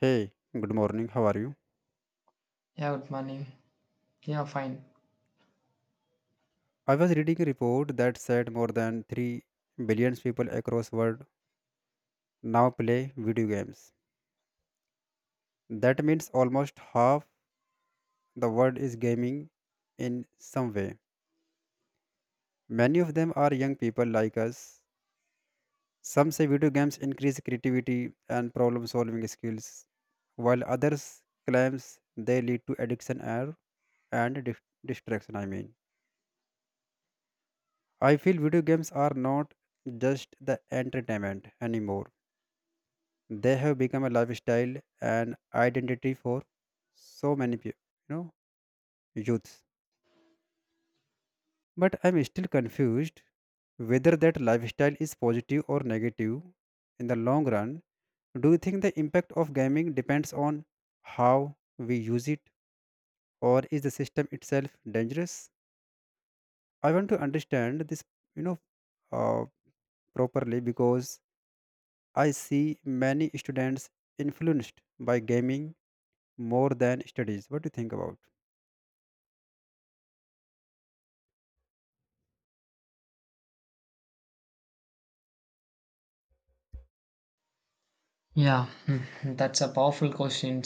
Hey, good morning. How are you? Yeah, good morning. Yeah, fine. I was reading a report that said more than 3 billion people across the world now play video games. That means almost half the world is gaming in some way. Many of them are young people like us. Some say video games increase creativity and problem solving skills, while others claims they lead to addiction or and distraction, I mean. I feel video games are not just the entertainment anymore, they have become a lifestyle and identity for so many people, you know youths. But I'm still confused whether that lifestyle is positive or negative in the long run. Do you think the impact of gaming depends on how we use it, or is the system itself dangerous? I want to understand this, you know uh, properly, because I see many students influenced by gaming more than studies. What do you think about? Yeah, that's a powerful question.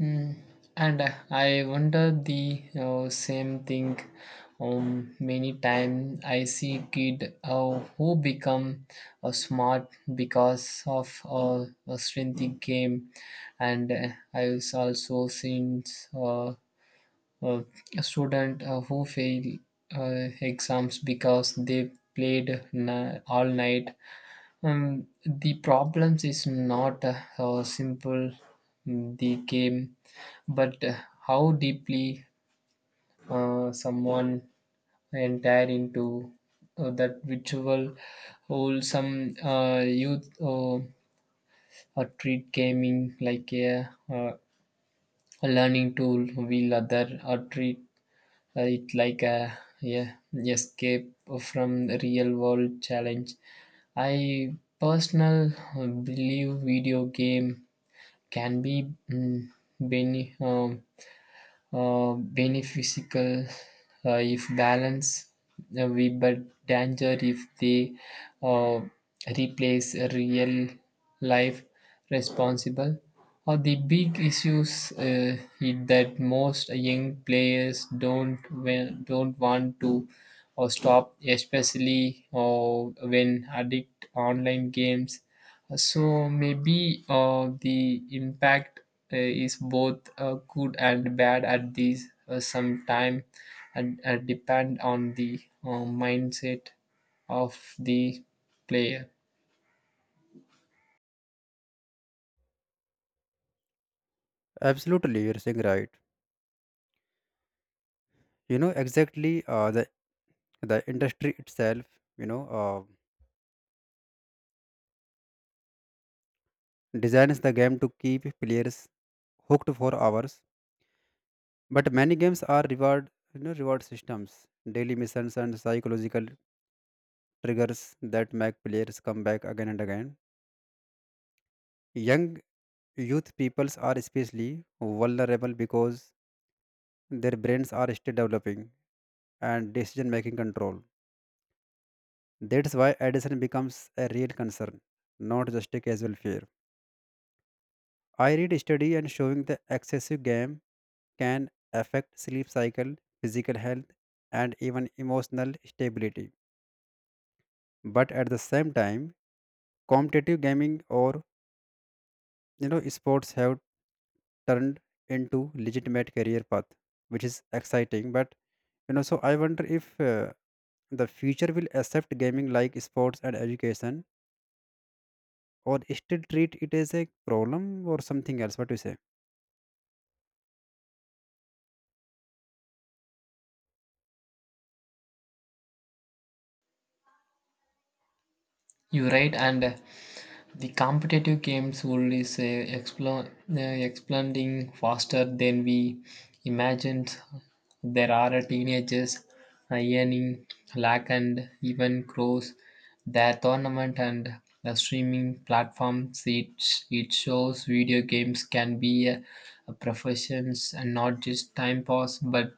Mm. And I wonder the same thing. Many times I see kid who become smart because of a strength game, and I was also seen uh, uh, a student who fail exams because they played all night. The problems is not how simple the game, but how deeply someone entire into that ritual. Wholesome youth treat gaming like a learning tool, will other or treat it like a yeah, escape from real world challenge. I personal believe video game can be bene, um, beneficial if balanced we but danger if they uh, replace a real life responsible, or the big issues is that most young players don't want to or stop, especially when addict online games. So maybe the impact is both good and bad at this some time, and depend on the mindset of the player. Absolutely, you're saying right. You know exactly, the industry itself. You know, uh, Designs the game to keep players hooked for hours. But many games are reward you know reward systems, daily missions, and psychological triggers that make players come back again and again. Young youth peoples are especially vulnerable because their brains are still developing and decision making control. That's why addiction becomes a real concern, not just a casual fear. I read study and showing the excessive game can affect sleep cycle, physical health, and even emotional stability. But at the same time, competitive gaming or, sports have turned into legitimate career path, which is exciting. But, So I wonder if, the future will accept gaming like sports and education, or still treat it as a problem or something else. What do you say? You're right, and the competitive games world is expanding faster than we imagined. There are teenagers earning lakh and even crores. Their tournament and the streaming platforms, it shows video games can be a profession and not just time pass, but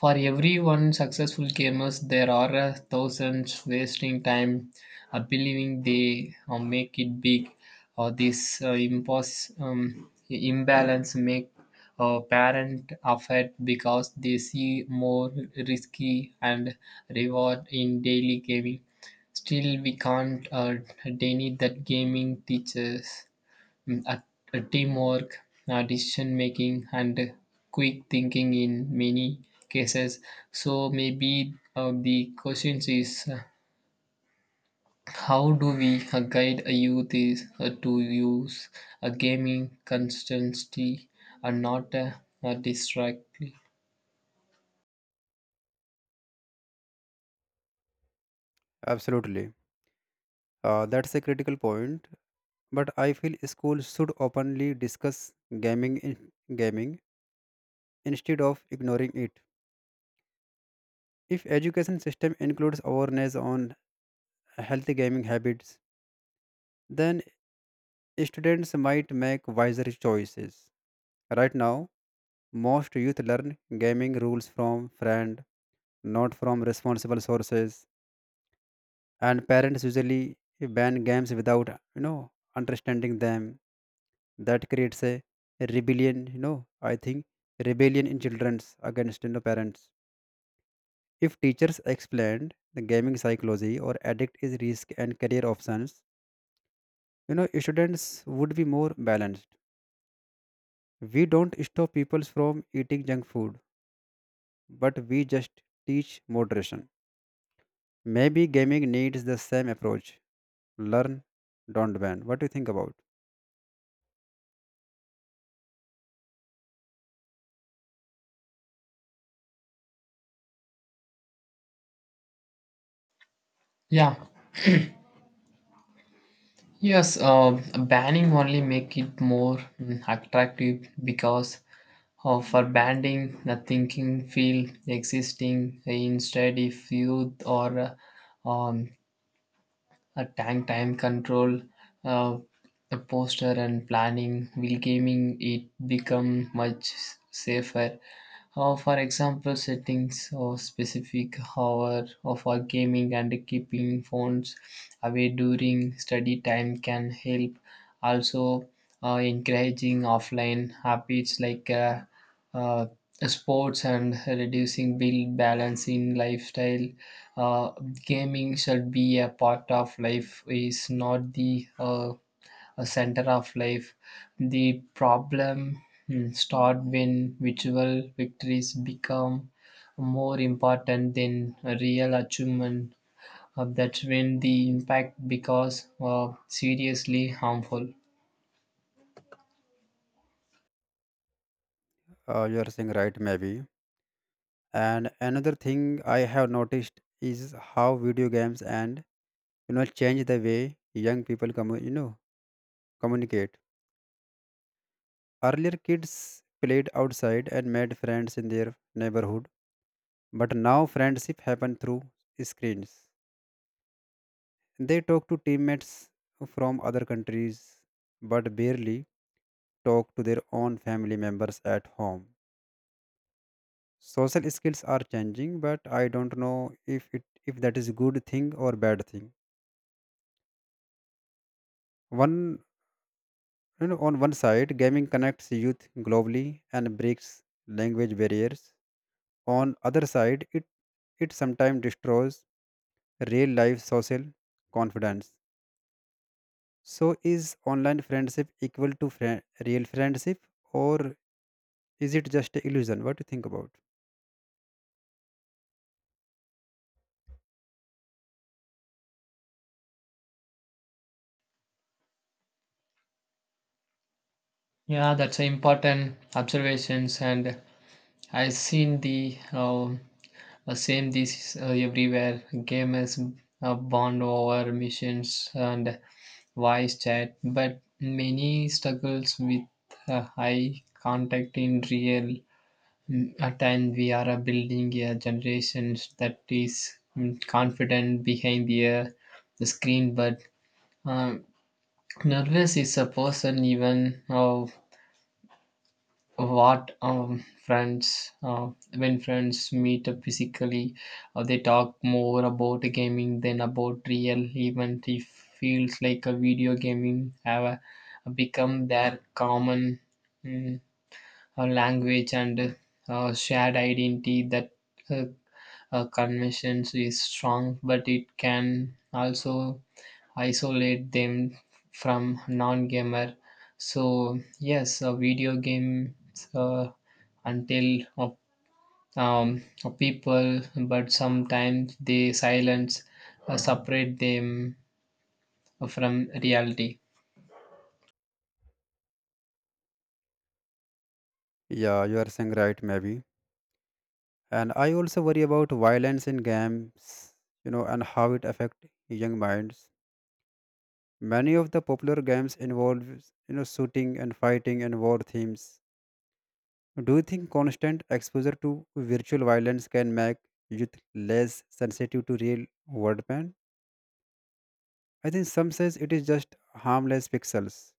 for every one successful gamers, there are thousands wasting time believing they make it big, or this imbalance make a parent upset because they see more risky and reward in daily gaming. Still, we can't deny that gaming teaches mm, at, teamwork, decision making, and quick thinking in many cases. So maybe the question is how do we guide a youth is to use a gaming constantly and not distractly? Absolutely, that's a critical point. But I feel schools should openly discuss gaming in, gaming instead of ignoring it. If education system includes awareness on healthy gaming habits, then students might make wiser choices. Right now, most youth learn gaming rules from friend, not from responsible sources, and parents usually ban games without you know understanding them. That creates a rebellion. I think rebellion in children's against parents. If teachers explained the gaming psychology or addict is risk and career options, students would be more balanced. We don't stop people from eating junk food, but we just teach moderation. Maybe gaming needs the same approach: learn, don't ban. What do you think about? Yeah. Yes, banning only make it more attractive, because for banding the thinking field existing, instead if youth or a tank time control, uh, a poster and planning will gaming it become much safer. For example, settings or specific hour of our gaming and keeping phones away during study time can help. Also, encouraging offline habits like uh, sports and reducing bill balance in lifestyle, uh, gaming should be a part of life, is not the a center of life. The problem start when virtual victories become more important than a real achievement. That's when the impact becomes seriously harmful. You are saying right, maybe. And another thing I have noticed is how video games and, change the way young people communicate. Earlier kids played outside and made friends in their neighborhood, but now friendship happen through screens. They talk to teammates from other countries, but barely talk to their own family members at home. Social skills are changing, but I don't know if it if that is a good thing or bad thing. One you know on one side gaming connects youth globally and breaks language barriers. On other side, it sometimes destroys real life social confidence. So is online friendship equal to real friendship, or is it just a illusion? What do you think about? Yeah, that's an important observations, and I've seen the same this everywhere. Gamers bond over missions and voice chat, but many struggles with high contact in real time. We are building a generation that is confident behind the screen, but uh, nervous is a person even. What friends When friends meet up physically, they talk more about gaming than about real event. It feels like a video gaming have become their common mm, language and shared identity. That uh, conventions is strong, but it can also isolate them from non-gamer. So yes, a video games until people, but sometimes they silence separate them from reality. Yeah, you are saying right, maybe. And I also worry about violence in games, and how it affect young minds. Many of the popular games involve, shooting and fighting and war themes. Do you think constant exposure to virtual violence can make youth less sensitive to real world pain? I think some says it is just harmless pixels,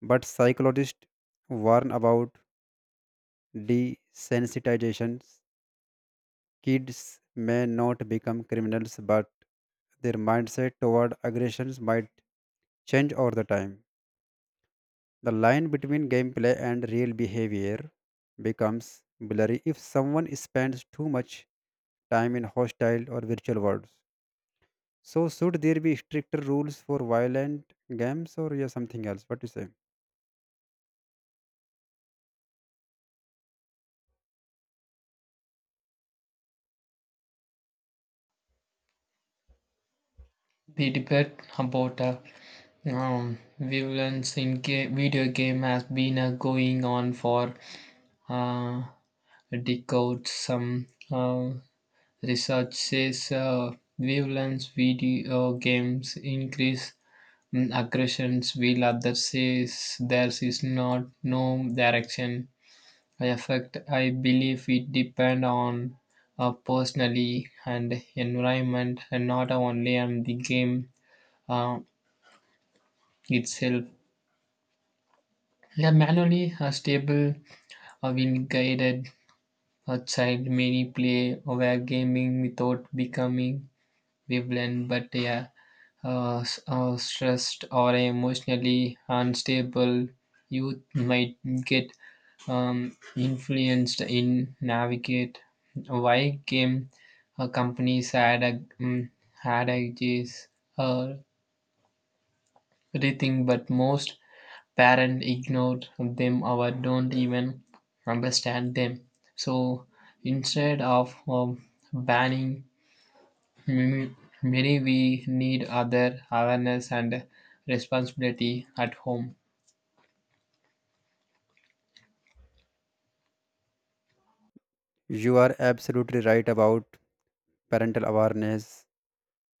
but psychologists warn about desensitization. Kids may not become criminals, but their mindset toward aggressions might change over the time. The line between gameplay and real behavior becomes blurry if someone spends too much time in hostile or virtual worlds. So, should there be stricter rules for violent games, or yeah, something else? What do you say? We debate about violence in video game has been going on for uh, decades. Some research says violence video games increase aggressions, while others says there is not no direction. I affect. I believe it depend on personally and environment, and not only on the game uh, itself. Yeah, manually a stable a wind guided a child many play were gaming without becoming violent, but yeah, stressed or emotionally unstable youth might get influenced in navigate. Why game companies had ideas uh, everything, but most parents ignore them or don't even understand them. So instead of banning, m- many we need other awareness and responsibility at home. You are absolutely right about parental awareness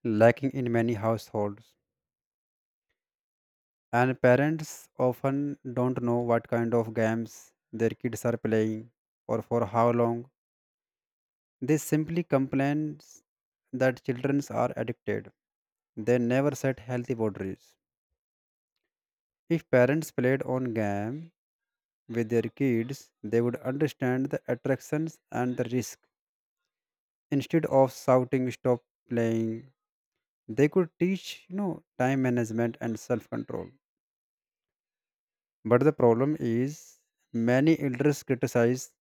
lacking in many households. And parents often don't know what kind of games their kids are playing or for how long. They simply complain that children are addicted. They never set healthy boundaries. If parents played on game with their kids, they would understand the attractions and the risk. Instead of shouting stop playing, they could teach time management and self-control. But the problem is, many elders criticize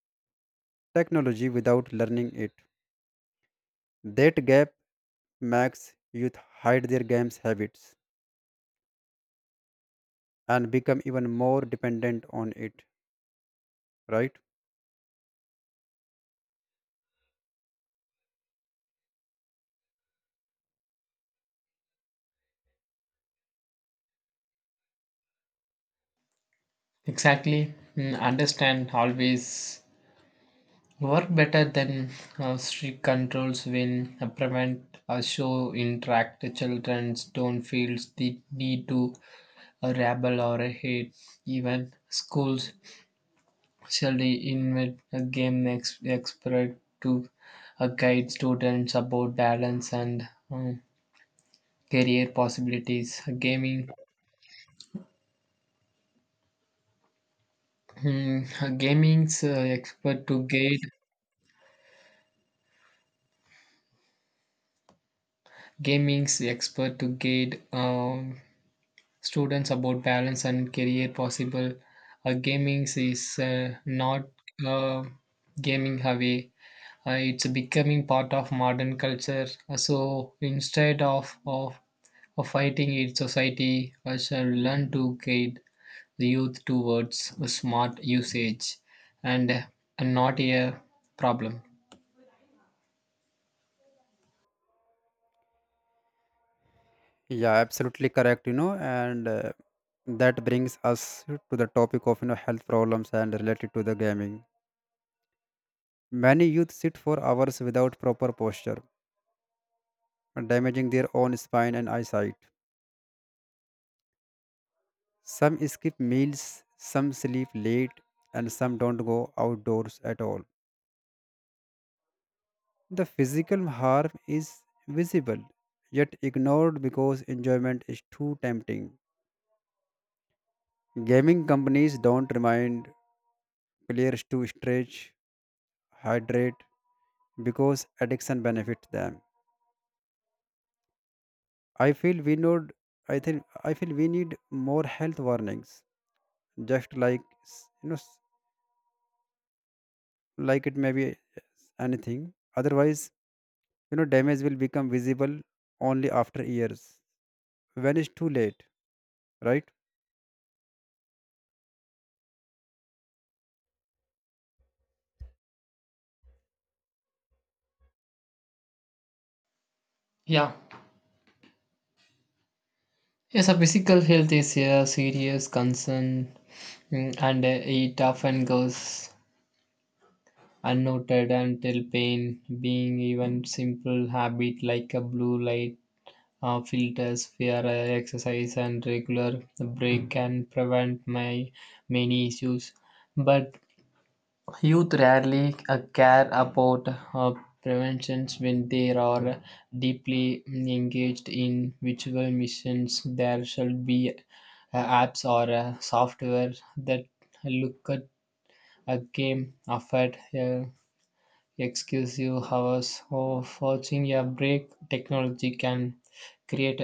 technology without learning it. That gap makes youth hide their games habits and become even more dependent on it, right? Exactly. Understand always work better than strict controls. When prevent or show interact, children don't feel the need to rebel or hate. Even schools. Shall we invent a game next expert to guide students about balance and career possibilities? A gaming, mm, a gaming's expert to guide gaming's expert to guide students about balance and career possible. Gaming is not uh, gaming away. It's becoming part of modern culture. So instead of fighting its society, I shall learn to guide the youth towards a smart usage, and, uh, and not a problem. Yeah, absolutely correct. You know and That brings us to the topic of, health problems and related to the gaming. Many youth sit for hours without proper posture, damaging their own spine and eyesight. Some skip meals, some sleep late, and some don't go outdoors at all. The physical harm is visible yet ignored because enjoyment is too tempting. Gaming companies don't remind players to stretch, hydrate, because addiction benefits them. I feel we need I think I feel we need more health warnings, just like like, it may be, yes, anything. Otherwise, damage will become visible only after years when it's too late, right? Yeah. Yes, a physical health is a serious concern, and it often goes unnoted until pain, being even simple habit like a blue light filters, fear, exercise, and regular break can prevent my many issues. But youth rarely care about uh, preventions when they are deeply engaged in virtual missions. There should be apps or software that look at a game effort. Excuse you, hours of watching a break technology can create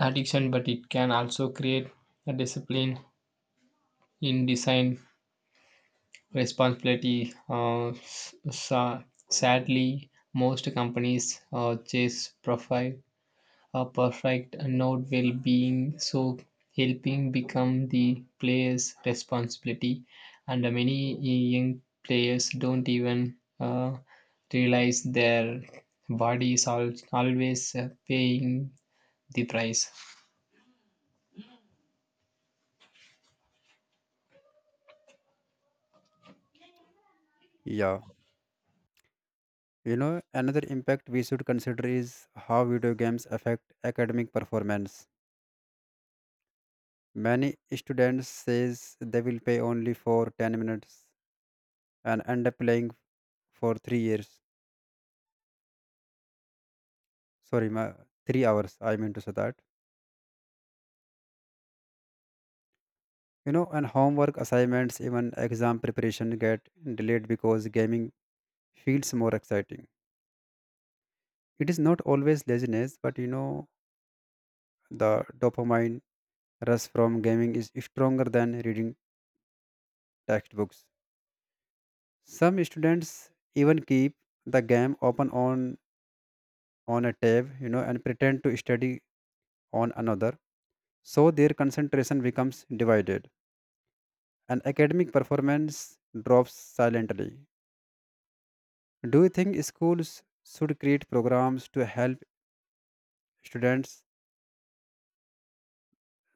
addiction, but it can also create a discipline in design responsibility. Sadly, most companies chase profile a perfect note while being so helping become the player's responsibility, and many young players don't even realize their body is always paying the price. Yeah. You know, another impact we should consider is how video games affect academic performance. Many students says they will pay only for 10 minutes and end up playing for 3 years. Sorry, my, 3 hours, I mean to say that. You know, and homework assignments, even exam preparation get delayed because gaming feels more exciting. It is not always laziness, but, you know, the dopamine rush from gaming is stronger than reading textbooks. Some students even keep the game open on a tab, you know, and pretend to study on another. So their concentration becomes divided and academic performance drops silently. Do you think schools should create programs to help students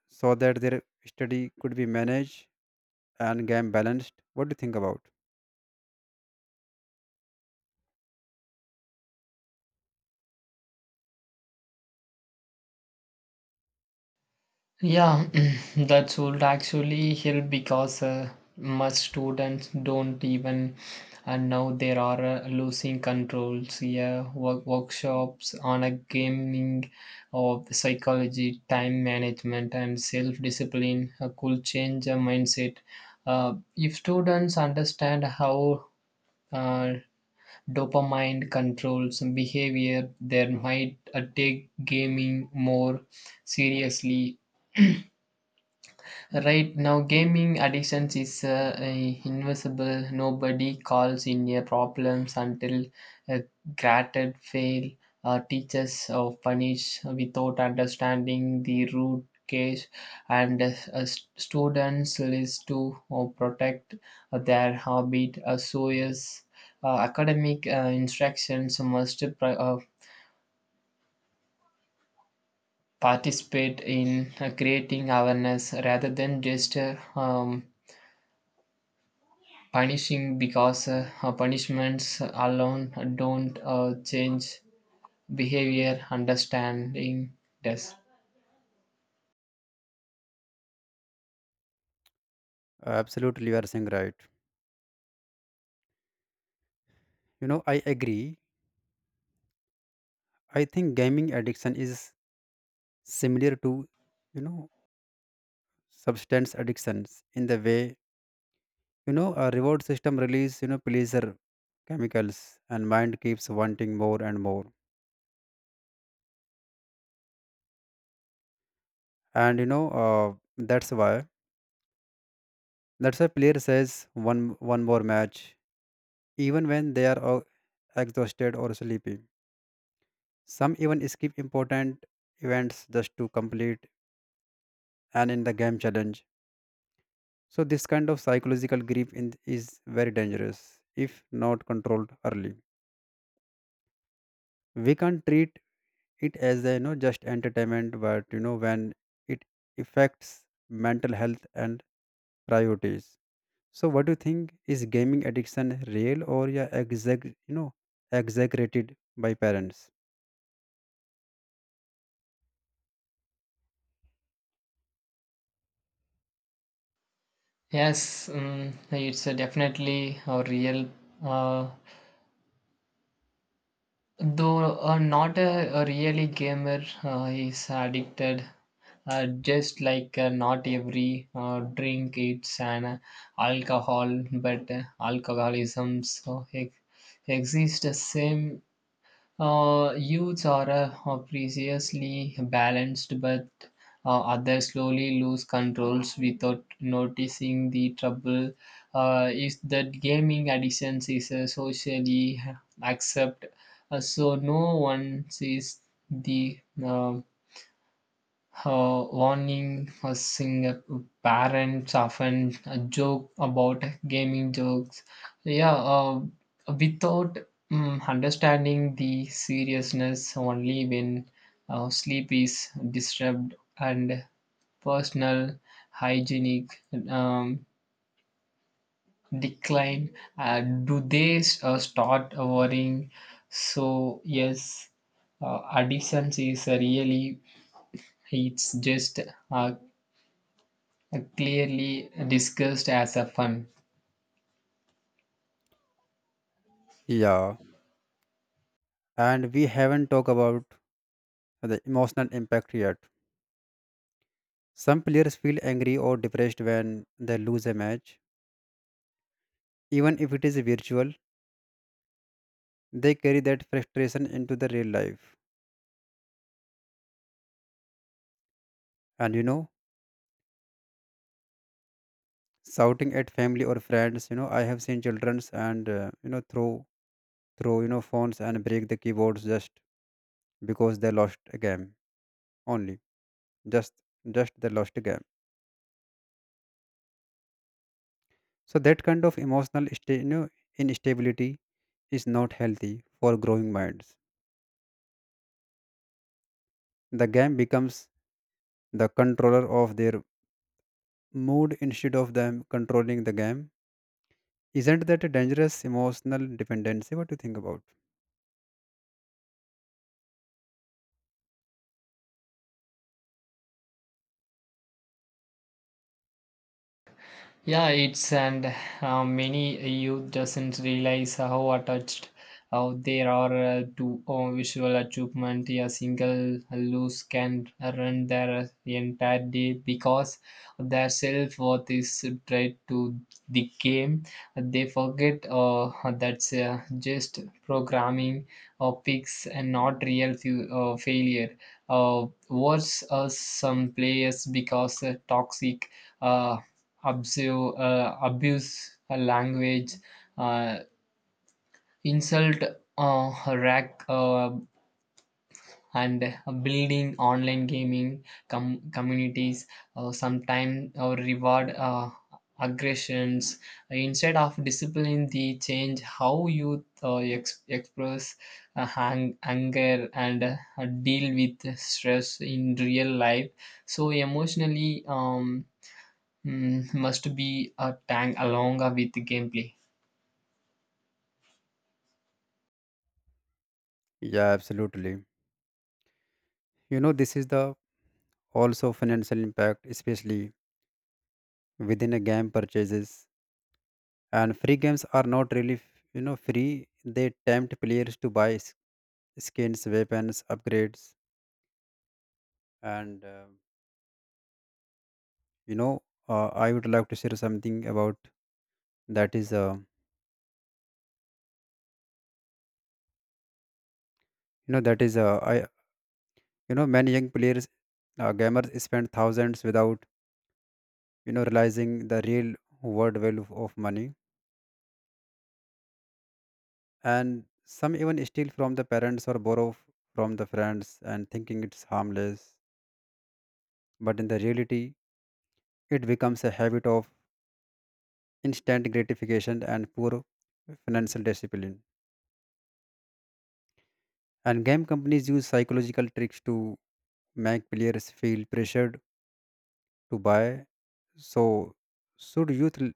so that their study could be managed and game balanced? What do you think about? Yeah, that would actually help because much students don't even, and now there are losing controls. Yeah, workshops on a gaming of psychology, time management, and self discipline could change a mindset. If students understand how uh, dopamine controls behavior, they might take gaming more seriously. Right now, gaming addictions is a invisible. Nobody calls in your problems until a granted fail. Teachers or punish without understanding the root case, and students list to or protect their habit. So yes, academic instructions must participate in creating awareness rather than just punishing, because punishments alone don't change behavior. Understanding does. Absolutely, you are saying right. You know, I agree. I think gaming addiction is similar to, you know, substance addictions in the way, you know, a reward system release, you know, pleasure chemicals and mind keeps wanting more and more. And, that's why player says one more match, even when they are exhausted or sleepy. Some even skip important events just to complete and in the game challenge. So this kind of psychological grief in, is very dangerous if not controlled early. We can't treat it as a, you know, just entertainment, but, when it affects mental health and priorities. So what do you think, is gaming addiction real or yeah, exaggerated by parents? Yes, it's definitely a real, uh, though not a really gamer is addicted, just like not every drink it's an alcohol, but alcoholism exists the same. Youths are previously balanced, but others slowly lose controls without noticing the trouble. Is that gaming addiction is socially accepted, so no one sees the warning sing. Parents often joke about gaming jokes, yeah, without understanding the seriousness. Only when sleep is disturbed and personal hygienic um, decline do they start worrying. So yes, addiction is really, it's just a clearly discussed as a fun. Yeah, and we haven't talked about the emotional impact yet. Some players feel angry or depressed when they lose a match, even if it is virtual. They carry that frustration into the real life, and, you know, shouting at family or friends. You know, I have seen childrens and, throw phones and break the keyboards just because they lost a game only. just just the lost game. So that kind of emotional instability is not healthy for growing minds. The game becomes the controller of their mood instead of them controlling the game. Isn't that a dangerous emotional dependency? What do you think about? Yeah, it's, and many youth doesn't realize how attached how they are to visual achievement. A single loose can run their entire day, because their self worth is tied to the game. They forget that's just programming or picks and not real failure. Worse, some players because toxic. Uh, abuse, abuse her language, uh, insult her rack, and building online gaming communities. Sometimes reward aggressions instead of discipline. The change how you express anger and deal with stress in real life. So emotionally. Must be a tag along with the gameplay. Yeah, absolutely. You know, this is the also financial impact, especially within a game purchases. And free games are not really, you know, free. They tempt players to buy skins, weapons, upgrades, and, you know I would like to share something about that is, you know that is I you know, many young players, gamers spend thousands without, you know, realizing the real world value of money. And some even steal from the parents or borrow from the friends, and thinking it's harmless. But in the reality, it becomes a habit of instant gratification and poor financial discipline. And game companies use psychological tricks to make players feel pressured to buy. So should youth l-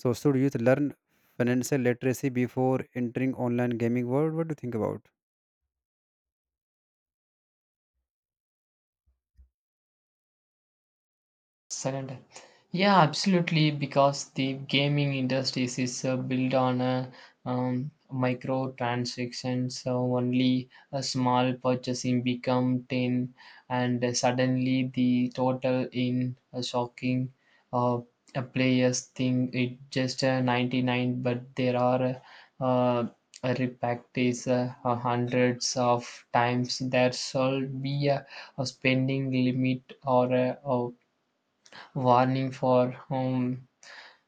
so should youth learn financial literacy before entering online gaming world? What do you think about? Surrender. Yeah, absolutely. Because the gaming industry is built on microtransactions. So only a small purchasing become 10, and suddenly the total in a shocking. uh, a players thing it just 99, but there are uh, uh, a repack is hundreds of times. There should be a spending limit or a warning for home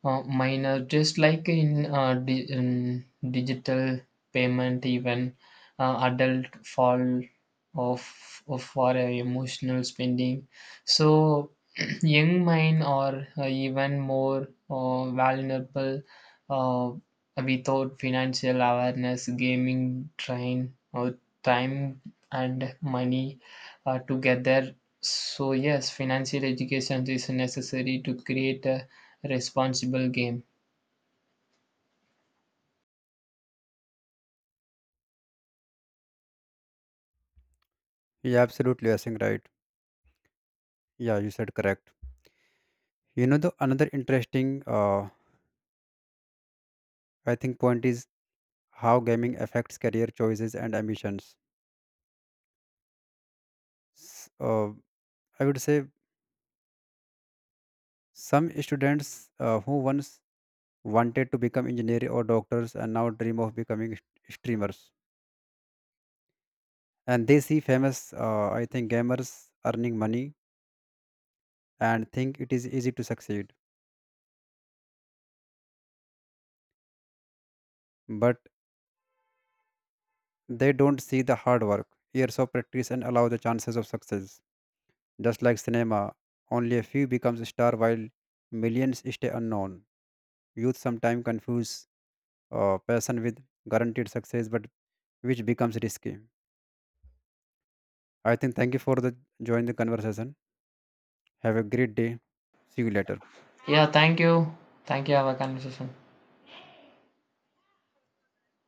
minor, just like in digital payment, even adult fall of for emotional spending. So young mind are even more vulnerable uh, without financial awareness. Gaming train or time and money together. So yes, financial education is necessary to create a responsible game. Yeah, absolutely, I think right. Yeah, you said correct. You know, the another interesting, uh, I think point is how gaming affects career choices and ambitions. S- Uh, I would say some students, who once wanted to become engineer or doctors and now dream of becoming streamers. And they see famous, I think, gamers earning money and think it is easy to succeed. But they don't see the hard work, years of practice, and allow the chances of success. Just like cinema, only a few becomes a star while millions stay unknown. Youth sometimes confuse, passion with guaranteed success, but which becomes risky. I think thank you for the join the conversation. Have a great day. See you later. Yeah, thank you. Thank you. Have a conversation.